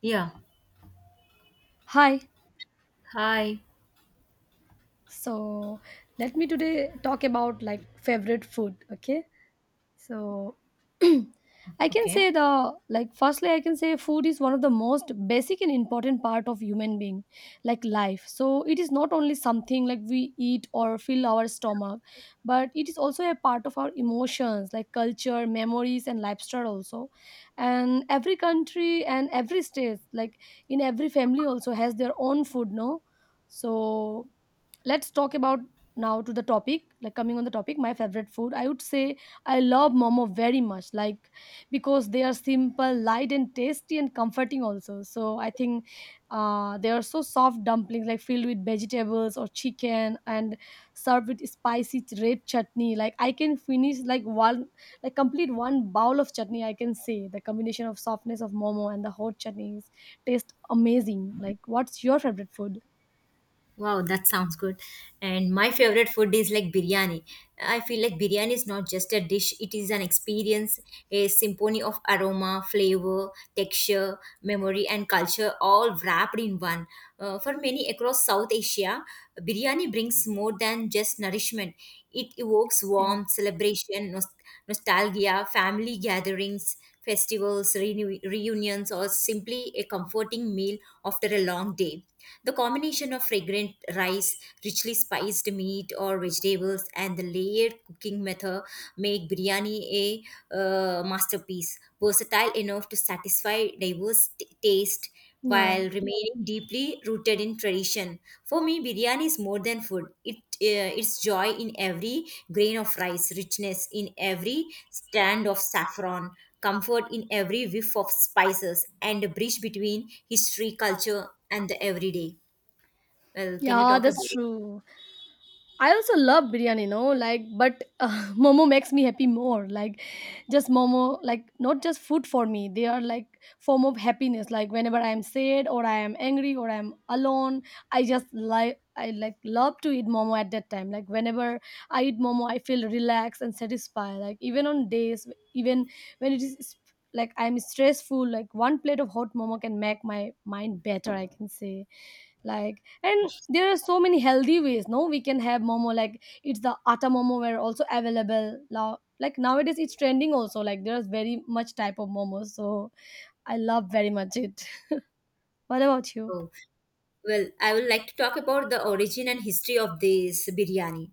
Yeah. Hi. Hi. So let me today talk about like favorite food. Okay. So I can Okay. say the like firstly I can say food is one of the most basic and important part of human being like life. So it is not only something like we eat or fill our stomach, but it is also a part of our emotions like culture, memories and lifestyle also. And every country and every state like in every family also has their own food, no? So let's talk about now to the topic, like coming on the topic my favorite food I would say I love momo very much, like because they are simple, light and tasty and comforting also, so I think they are so soft dumplings like filled with vegetables or chicken and served with spicy red chutney. Like I can finish like one like complete one bowl of chutney. I can say the combination of softness of momo and the hot chutneys taste amazing. Like what's your favorite food? Wow, that sounds good. And my favorite food is like biryani. I feel like biryani is not just a dish, it is an experience, a symphony of aroma, flavor, texture, memory, and culture all wrapped in one. For many across South Asia, biryani brings more than just nourishment, it evokes yeah warmth, celebration, nostalgia, family gatherings, festivals, reunions, or simply a comforting meal after a long day. The combination of fragrant rice, richly spiced meat or vegetables, and the layered cooking method make biryani a masterpiece, versatile enough to satisfy diverse taste while yeah remaining deeply rooted in tradition. For me, biryani is more than food. It's joy in every grain of rice, richness in every strand of saffron, comfort in every whiff of spices, and a bridge between history, culture, and the everyday. Well, can you yeah, talk about? that's true. I also love biryani, you know, like, but momo makes me happy more. Like, just momo, like, not just food for me. They are like form of happiness. Like, whenever I am sad or I am angry or I am alone, I just like I love to eat momo at that time. Like, whenever I eat momo, I feel relaxed and satisfied. Like, even on days, even when it is like I'm stressful, like one plate of hot momo can make my mind better. I can say like, and there are so many healthy ways, no, we can have momo, like it's the atta momo were also available now, like nowadays it's trending also, like there's very much type of momos, so I love very much it. What about you? Oh, well, I would like to talk about the origin and history of this biryani,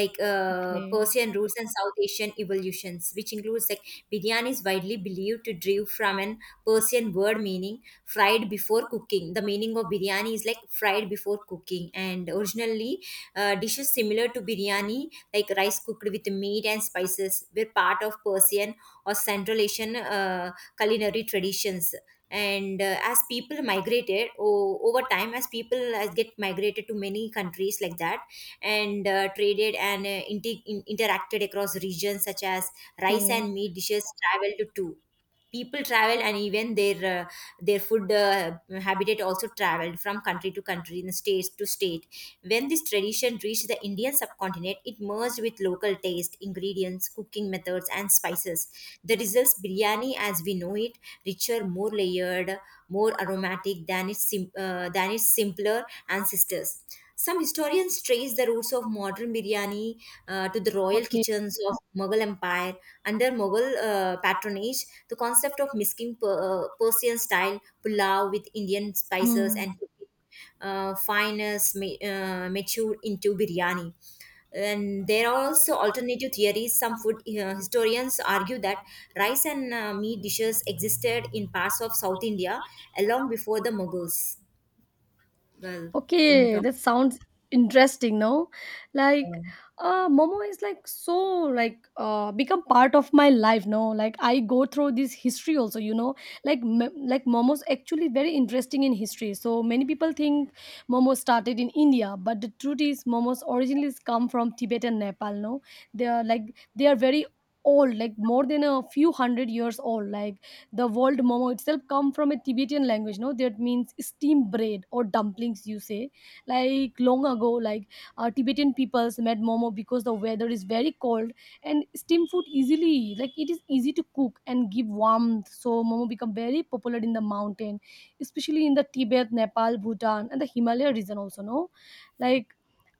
like Okay. Persian roots and South Asian evolutions, which includes like biryani is widely believed to derive from an Persian word meaning fried before cooking. The meaning of biryani is like fried before cooking, and originally dishes similar to biryani, like rice cooked with meat and spices, were part of Persian or Central Asian culinary traditions, and as people migrated over time, as people as get migrated to many countries like that, and traded and interacted across regions, such as rice Okay. and meat dishes traveled too. People travel, and even their food habitat also traveled from country to country and state to state. When this tradition reached the Indian subcontinent, it merged with local taste, ingredients, cooking methods, and spices. The results, biryani as we know it, richer, more layered, more aromatic than its than its simpler ancestors. Some historians trace the roots of modern biryani to the royal Okay. kitchens of Mughal Empire. Under Mughal patronage, the concept of mixing Persian style pulao with Indian spices Hmm. and cooking fineness matured into biryani. And there are also alternative theories. Some food historians argue that rice and meat dishes existed in parts of South India long before the Mughals. Well, can you Okay, talk? that sounds interesting, no? Like momo is like so like become part of my life, no? Like I go through this history also, you know. Like like momo's actually very interesting in history. So many people think momo started in India, but the truth is momo's originally come from Tibet and Nepal, no? They are like they are very old, like more than a few hundred years old. Like the word momo itself come from a Tibetan language, no, that means steam bread or dumplings you say. Like long ago, like Tibetan peoples made momo because the weather is very cold and steam food easily, like it is easy to cook and give warmth, so momo become very popular in the mountain, especially in the Tibet, Nepal, Bhutan and the Himalaya region also, no. Like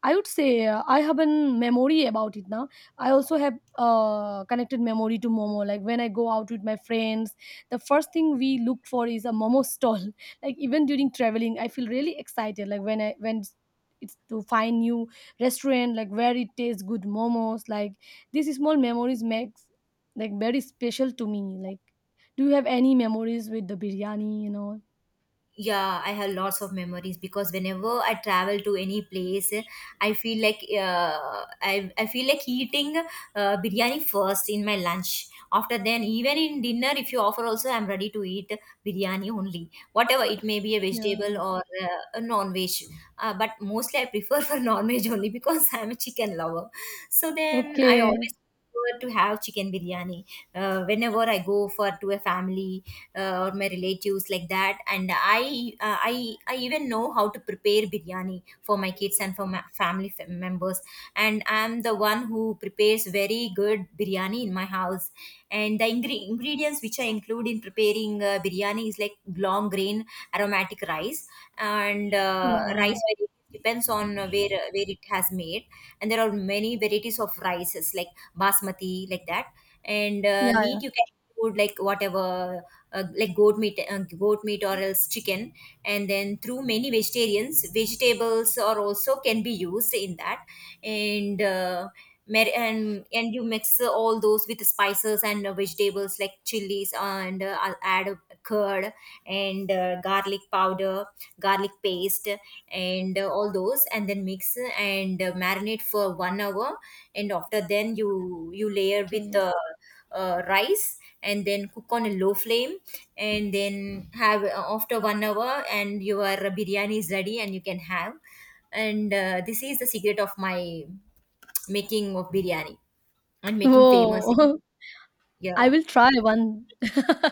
I would say I have a memory about it now. I also have connected memory to momo. Like when I go out with my friends, the first thing we look for is a momo stall. Like even during traveling I feel really excited, like when it's to find new restaurant like where it tastes good momos, like these small memories makes like very special to me. Like do you have any memories with the biryani, you know? Yeah, I have lots of memories, because whenever I travel to any place, I feel like I feel like eating biryani first in my lunch, after then even in dinner. If you offer also, I'm ready to eat biryani only, whatever it may be, a vegetable Yeah. or a non-veg, but mostly I prefer for non-veg only, because I'm a chicken lover. So then I Okay. always prefer to have chicken biryani whenever I go for to a family or my relatives, like that. And I even know how to prepare biryani for my kids and for my family members, and I'm the one who prepares very good biryani in my house. And the ingredients which I include in preparing biryani is like long grain aromatic rice. And Yeah. rice varieties depends on where it has made. And there are many varieties of rices, like basmati, like that. And Yeah, yeah. meat you can include, like whatever, like goat meat, goat meat or else chicken. And then through many vegetarians, vegetables or also can be used in that. And and you mix all those with spices and vegetables like chilies, and I'll add curd and garlic powder, garlic paste, and all those, and then mix and marinate for 1 hour. And after then you layer with Okay. Rice and then cook on a low flame. And then have after 1 hour, and your biryani is ready, and you can have. And this is the secret of my making of biryani and making famous. Whoa. Yeah. I will try one.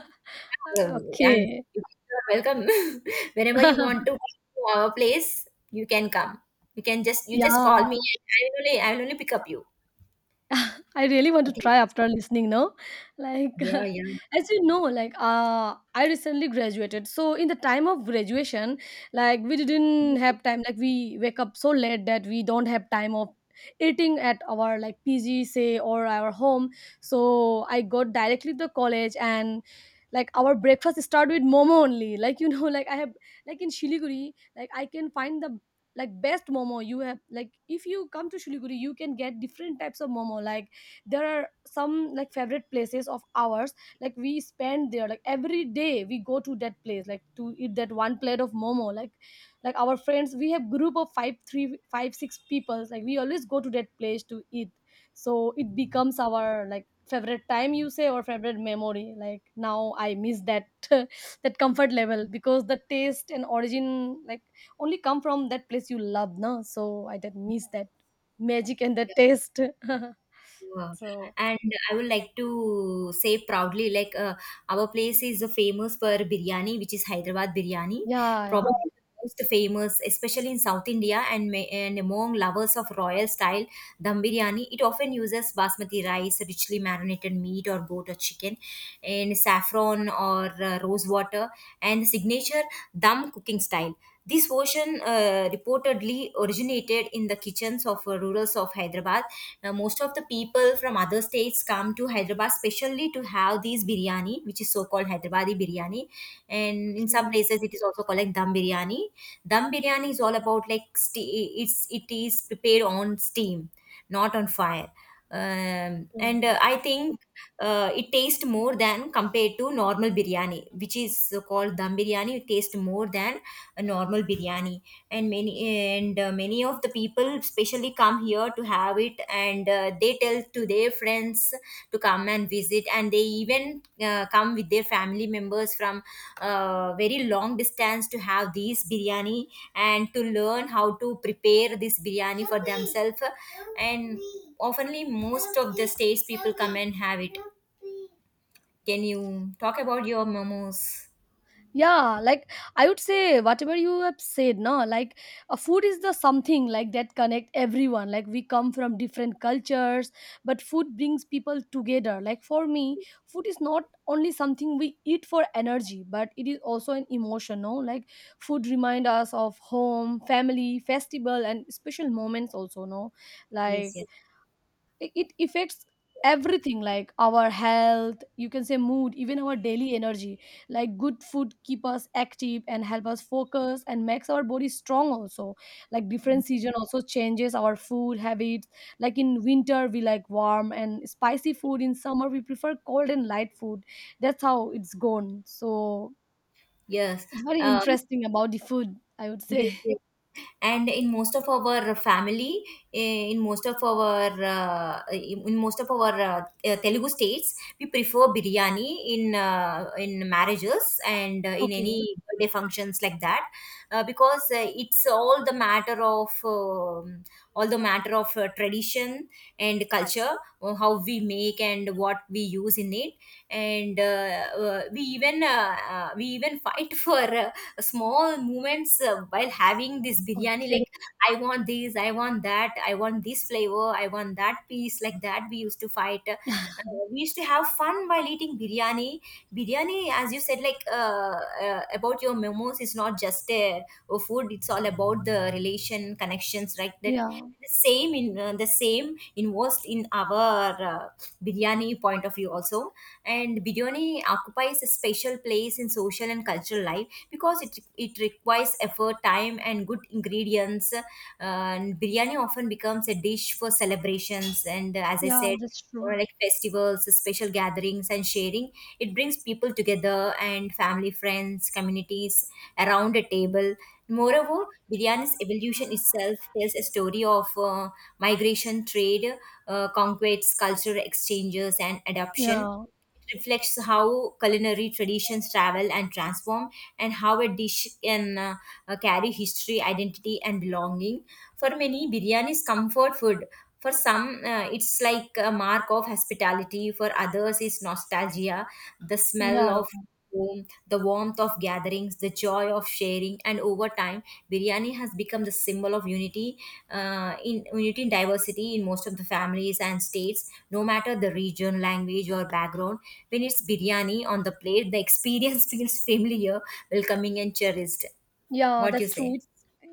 um, and Okay. you are welcome whenever you want to come to our place. You can come. You can just you just Yeah. call me, and I will only pick up you. I really want to Okay. try after listening now. Like, Yeah, yeah, as you know, like, I recently graduated. So, in the time of graduation, like, we didn't have time. Like, we wake up so late that we don't have time of eating at our like PG, say, or our home. So, I got directly to the college, and like our breakfast start with momo only, like you know. Like I have like in Shiliguri, like I can find the like best momo you have. Like if you come to Shiliguri you can get different types of momo. Like there are some like favorite places of ours, like we spend there like every day, we go to that place like to eat that one plate of momo. Like our friends, we have group of five three five six people, like we always go to that place to eat. So it becomes our like favorite time you say, or favorite memory. Like now I miss that that comfort level, because the taste and origin like only come from that place you love now, so I did miss that magic and the yeah. taste. Yeah. So And I would like to say proudly, like our place is famous for biryani, which is Hyderabad biryani, yeah. Yeah. probably the most famous, especially in South India, and and among lovers of royal style Dum biryani. It often uses basmati rice, richly marinated meat or goat or chicken, and saffron or rose water, and the signature dum cooking style. This version reportedly originated in the kitchens of rurals of Hyderabad. Most of the people from other states come to Hyderabad specially to have these biryani, which is so called Hyderabadi biryani. And in some Okay. places, it is also called like dum biryani. Dum biryani is all about like it is prepared on steam, not on fire. Okay. And I think it tastes more than compared to normal biryani, which is called dum biryani. It tastes more than a normal biryani, and many and many of the people specially come here to have it, and they tell to their friends to come and visit, and they even come with their family members from very long distance to have these biryani, and to learn how to prepare this biryani for themselves. And oftenly, most of the states people come and have it. Can you talk about your momos? Yeah, like I would say whatever you have said, no, like a food is the something like that connect everyone. Like we come from different cultures, but food brings people together. Like for me, food is not only something we eat for energy, but it is also an emotion, no. Like food remind us of home, family, festival and special moments also, no. Yes, Like yes, it affects everything, like our health, you can say mood, even our daily energy. Like good food keep us active and help us focus and makes our body strong also. Like different season also changes our food habits. Like in winter we like warm and spicy food, in summer we prefer cold and light food. That's how it's gone. So yes. it's very Uh, interesting about the food, I would yes, say. yes. And in most of our family, in most of our telugu states, we prefer biryani in marriages and in any Okay. birthday functions, like that, because it's all the matter of tradition and culture, how we make and what we use in it. And we even fight for small moments while having this biryani, Okay. like, I want this, I want that, I want this flavor, I want that piece, like that, we used to fight. We used to have fun while eating biryani. Biryani, as you said, like about your memos, is not just a food. It's all about the relation, connections, right? That Yeah. the same in the same involved in our biryani point of view also. And biryani occupies a special place in social and cultural life, because it requires effort, time, and good ingredients, and biryani often becomes a dish for celebrations. And as I Yeah, said, that's or true. like festivals, special gatherings, and sharing. It brings people together, and family, friends, communities around a table. Moreover, biryani's evolution itself tells a story of migration, trade, conquests, cultural exchanges, and adoption. Yeah. It reflects how culinary traditions travel and transform, and how a dish can carry history, identity, and belonging. For many, biryani is comfort food. For some, it's like a mark of hospitality. For others, it's nostalgia, the smell yeah of home, the warmth of gatherings, the joy of sharing. And over time, biryani has become the symbol of unity, in unity and diversity in most of the families and states, no matter the region, language, or background. When it's biryani on the plate, the experience feels familiar, welcoming, and cherished. Yeah, What do you that's true. say? It's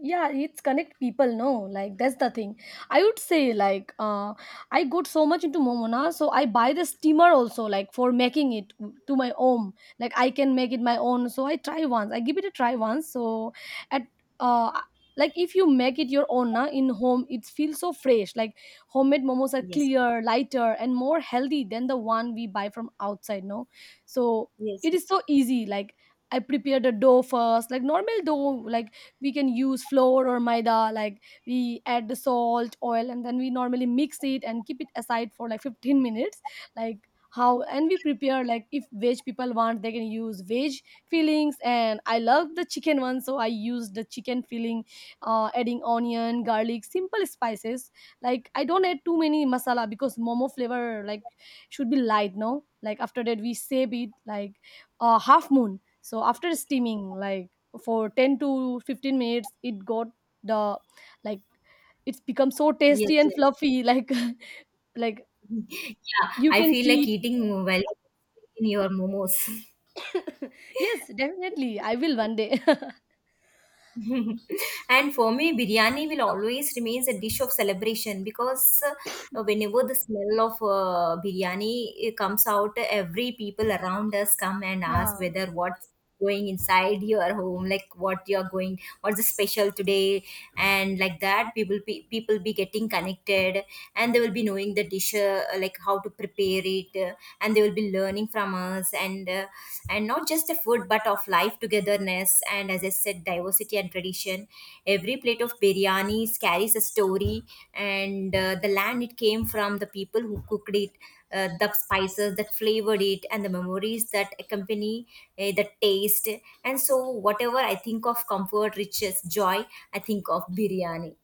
yeah, it's connect people, no? Like that's the thing. I would say like I got so much into Momona, so I buy the steamer also, like for making it to my own. Like I can make it my own. So I try once. I give it a try once. So at uh like if you make it your own na, in home it feels so fresh. Like homemade momos are Yes. clear, lighter and more healthy than the one we buy from outside, no? So Yes. it is so easy. Like I prepared the dough first, like normal dough, like we can use flour or maida, like we add the salt, oil, and then we normally mix it and keep it aside for like 15 minutes. Like how, and we prepare like if veg people want they can use veg fillings, and I love the chicken one, so I use the chicken filling, adding onion, garlic, simple spices. Like I don't add too many masala because momo flavor like should be light, no? Like after that we save it like a half moon, so after steaming like for 10 to 15 minutes it got the like it's become so tasty Yes, and yes. fluffy like. Like Yeah, you I can feel like see it. eating while in your momos. Yes, definitely I will one day. And for me, biryani will always remains a dish of celebration, because whenever the smell of biryani comes out, every people around us come and ask, Yeah. whether what's going inside your home, like what you're going, what's the special today, and like that, people be getting connected, and they will be knowing the dish, like how to prepare it, and they will be learning from us. And and not just the food, but of life, togetherness, and as I said, diversity and tradition. Every plate of biryani carries a story, and the land it came from, the people who cooked it, the spices that flavored it, and the memories that accompany the taste. And so whatever I think of comfort, riches, joy, I think of biryani.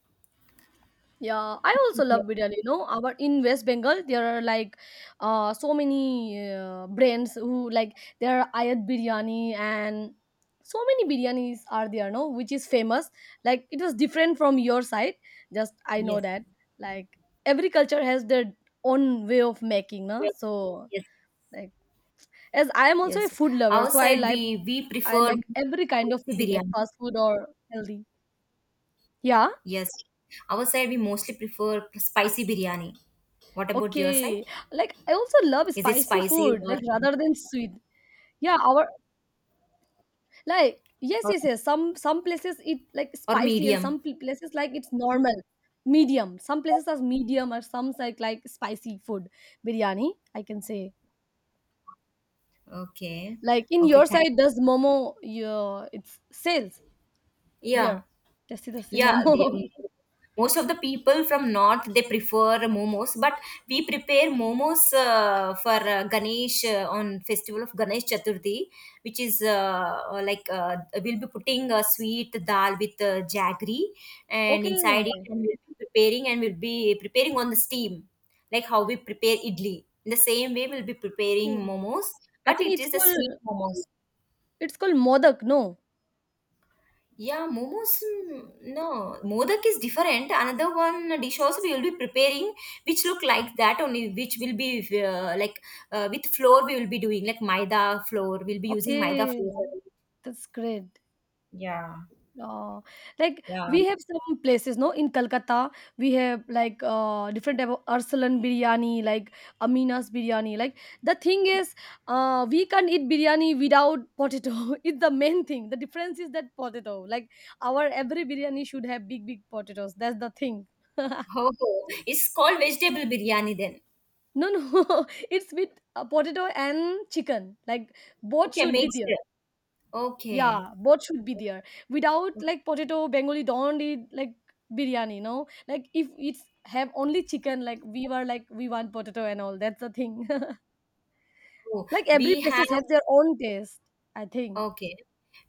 Yeah, I also love biryani. You know, our in West Bengal there are like so many brands who like there are Ayat biryani and so many biryanis are there. No, which is famous. Like it was different from your side. Just I know Yes, that like every culture has their own way of making. No, yes, so yes. like as I am also a Yes, food lover, our so side we I prefer like every kind of spicy food, like biryani. fast food or healthy. Yeah. Yes, our side we mostly prefer spicy biryani. What about your side? Okay. Like, I also love Is it spicy spicy food, like, rather than sweet. Yeah, our like yes, or, yes, yes. Some places it like or spicy, and medium? some places like it's normal, medium. Some places are medium or some like spicy food biryani, I can say. Okay, Like in okay, your thank. side does momo your it's sales Yeah. there. Just see the same Yeah, the, momo. Most of the people from north they prefer momos, but we prepare momos for Ganesh on festival of Ganesh Chaturthi, which is like we'll be putting a sweet dal with jaggery and Okay. inside it, and we'll be preparing, and we'll be preparing on the steam, like how we prepare idli. In the same way, we'll be preparing Okay. momos, I but think it is a sweet momos. it's called modak, no? Yeah, momos. No, modak is different. Another one dish also we will be preparing, which look like that only, which will be like with flour we will be doing, like maida flour. We'll be using maida Okay. flour. That's great. Yeah, Uh, like yeah. we have some places, no, in Calcutta, we have like different type of Arsalan biryani, like Amina's biryani. Like the thing is, we can't eat biryani without potato. It's the main thing. The difference is that potato. Like our every biryani should have big, big potatoes. That's the thing. No, Oh, oh, it's called vegetable biryani then. no, it's with potato and chicken. Like both Okay, should be mixed. there. Okay. Yeah, both should be there. Without Okay. like potato, Bengali don't eat like biryani, no? Like if it's have only chicken, like we were like we want potato and all. That's the thing. Oh, Like every we have. places have their own taste, I think. Okay.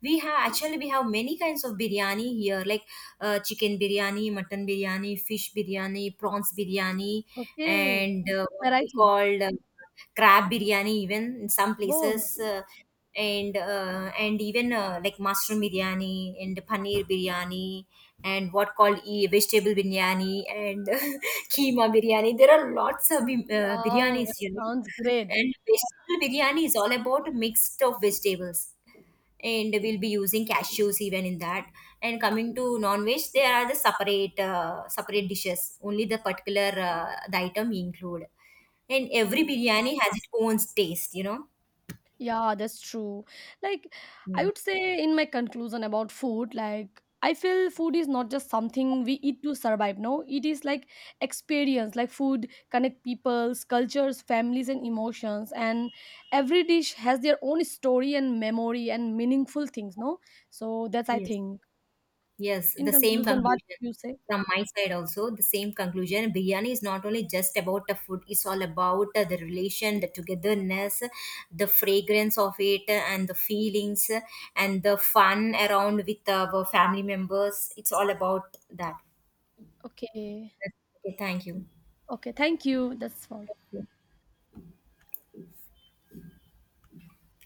We have, actually we have many kinds of biryani here, like chicken biryani, mutton biryani, fish biryani, prawns biryani, Okay. and what we Variety. call crab biryani even in some Whoa. places, and even like mushroom biryani and paneer biryani, and what called vegetable biryani, and keema biryani. There are lots of Wow, biryanis, that you know. sounds great. And vegetable biryani is all about a mix of vegetables, and we'll be using cashews even in that. And coming to non-veg, there are the separate separate dishes, only the particular the item we include. And every Okay. biryani has its own taste, you know. Yeah, that's true. Like, I Mm. would say in my conclusion about food, like, I feel food is not just something we eat to survive, no. It is like experience, like food connect peoples, cultures, families and emotions, and every dish has their own story and memory and meaningful things, no. So that's I Yes. think. Yes, In the same conclusion, what conclusion you say? from my side also. The same conclusion. Biryani is not only just about the food; it's all about the relation, the togetherness, the fragrance of it, and the feelings, and the fun around with our family members. It's all about that. Okay. Okay, thank you. Okay, thank you. That's all. Thank you.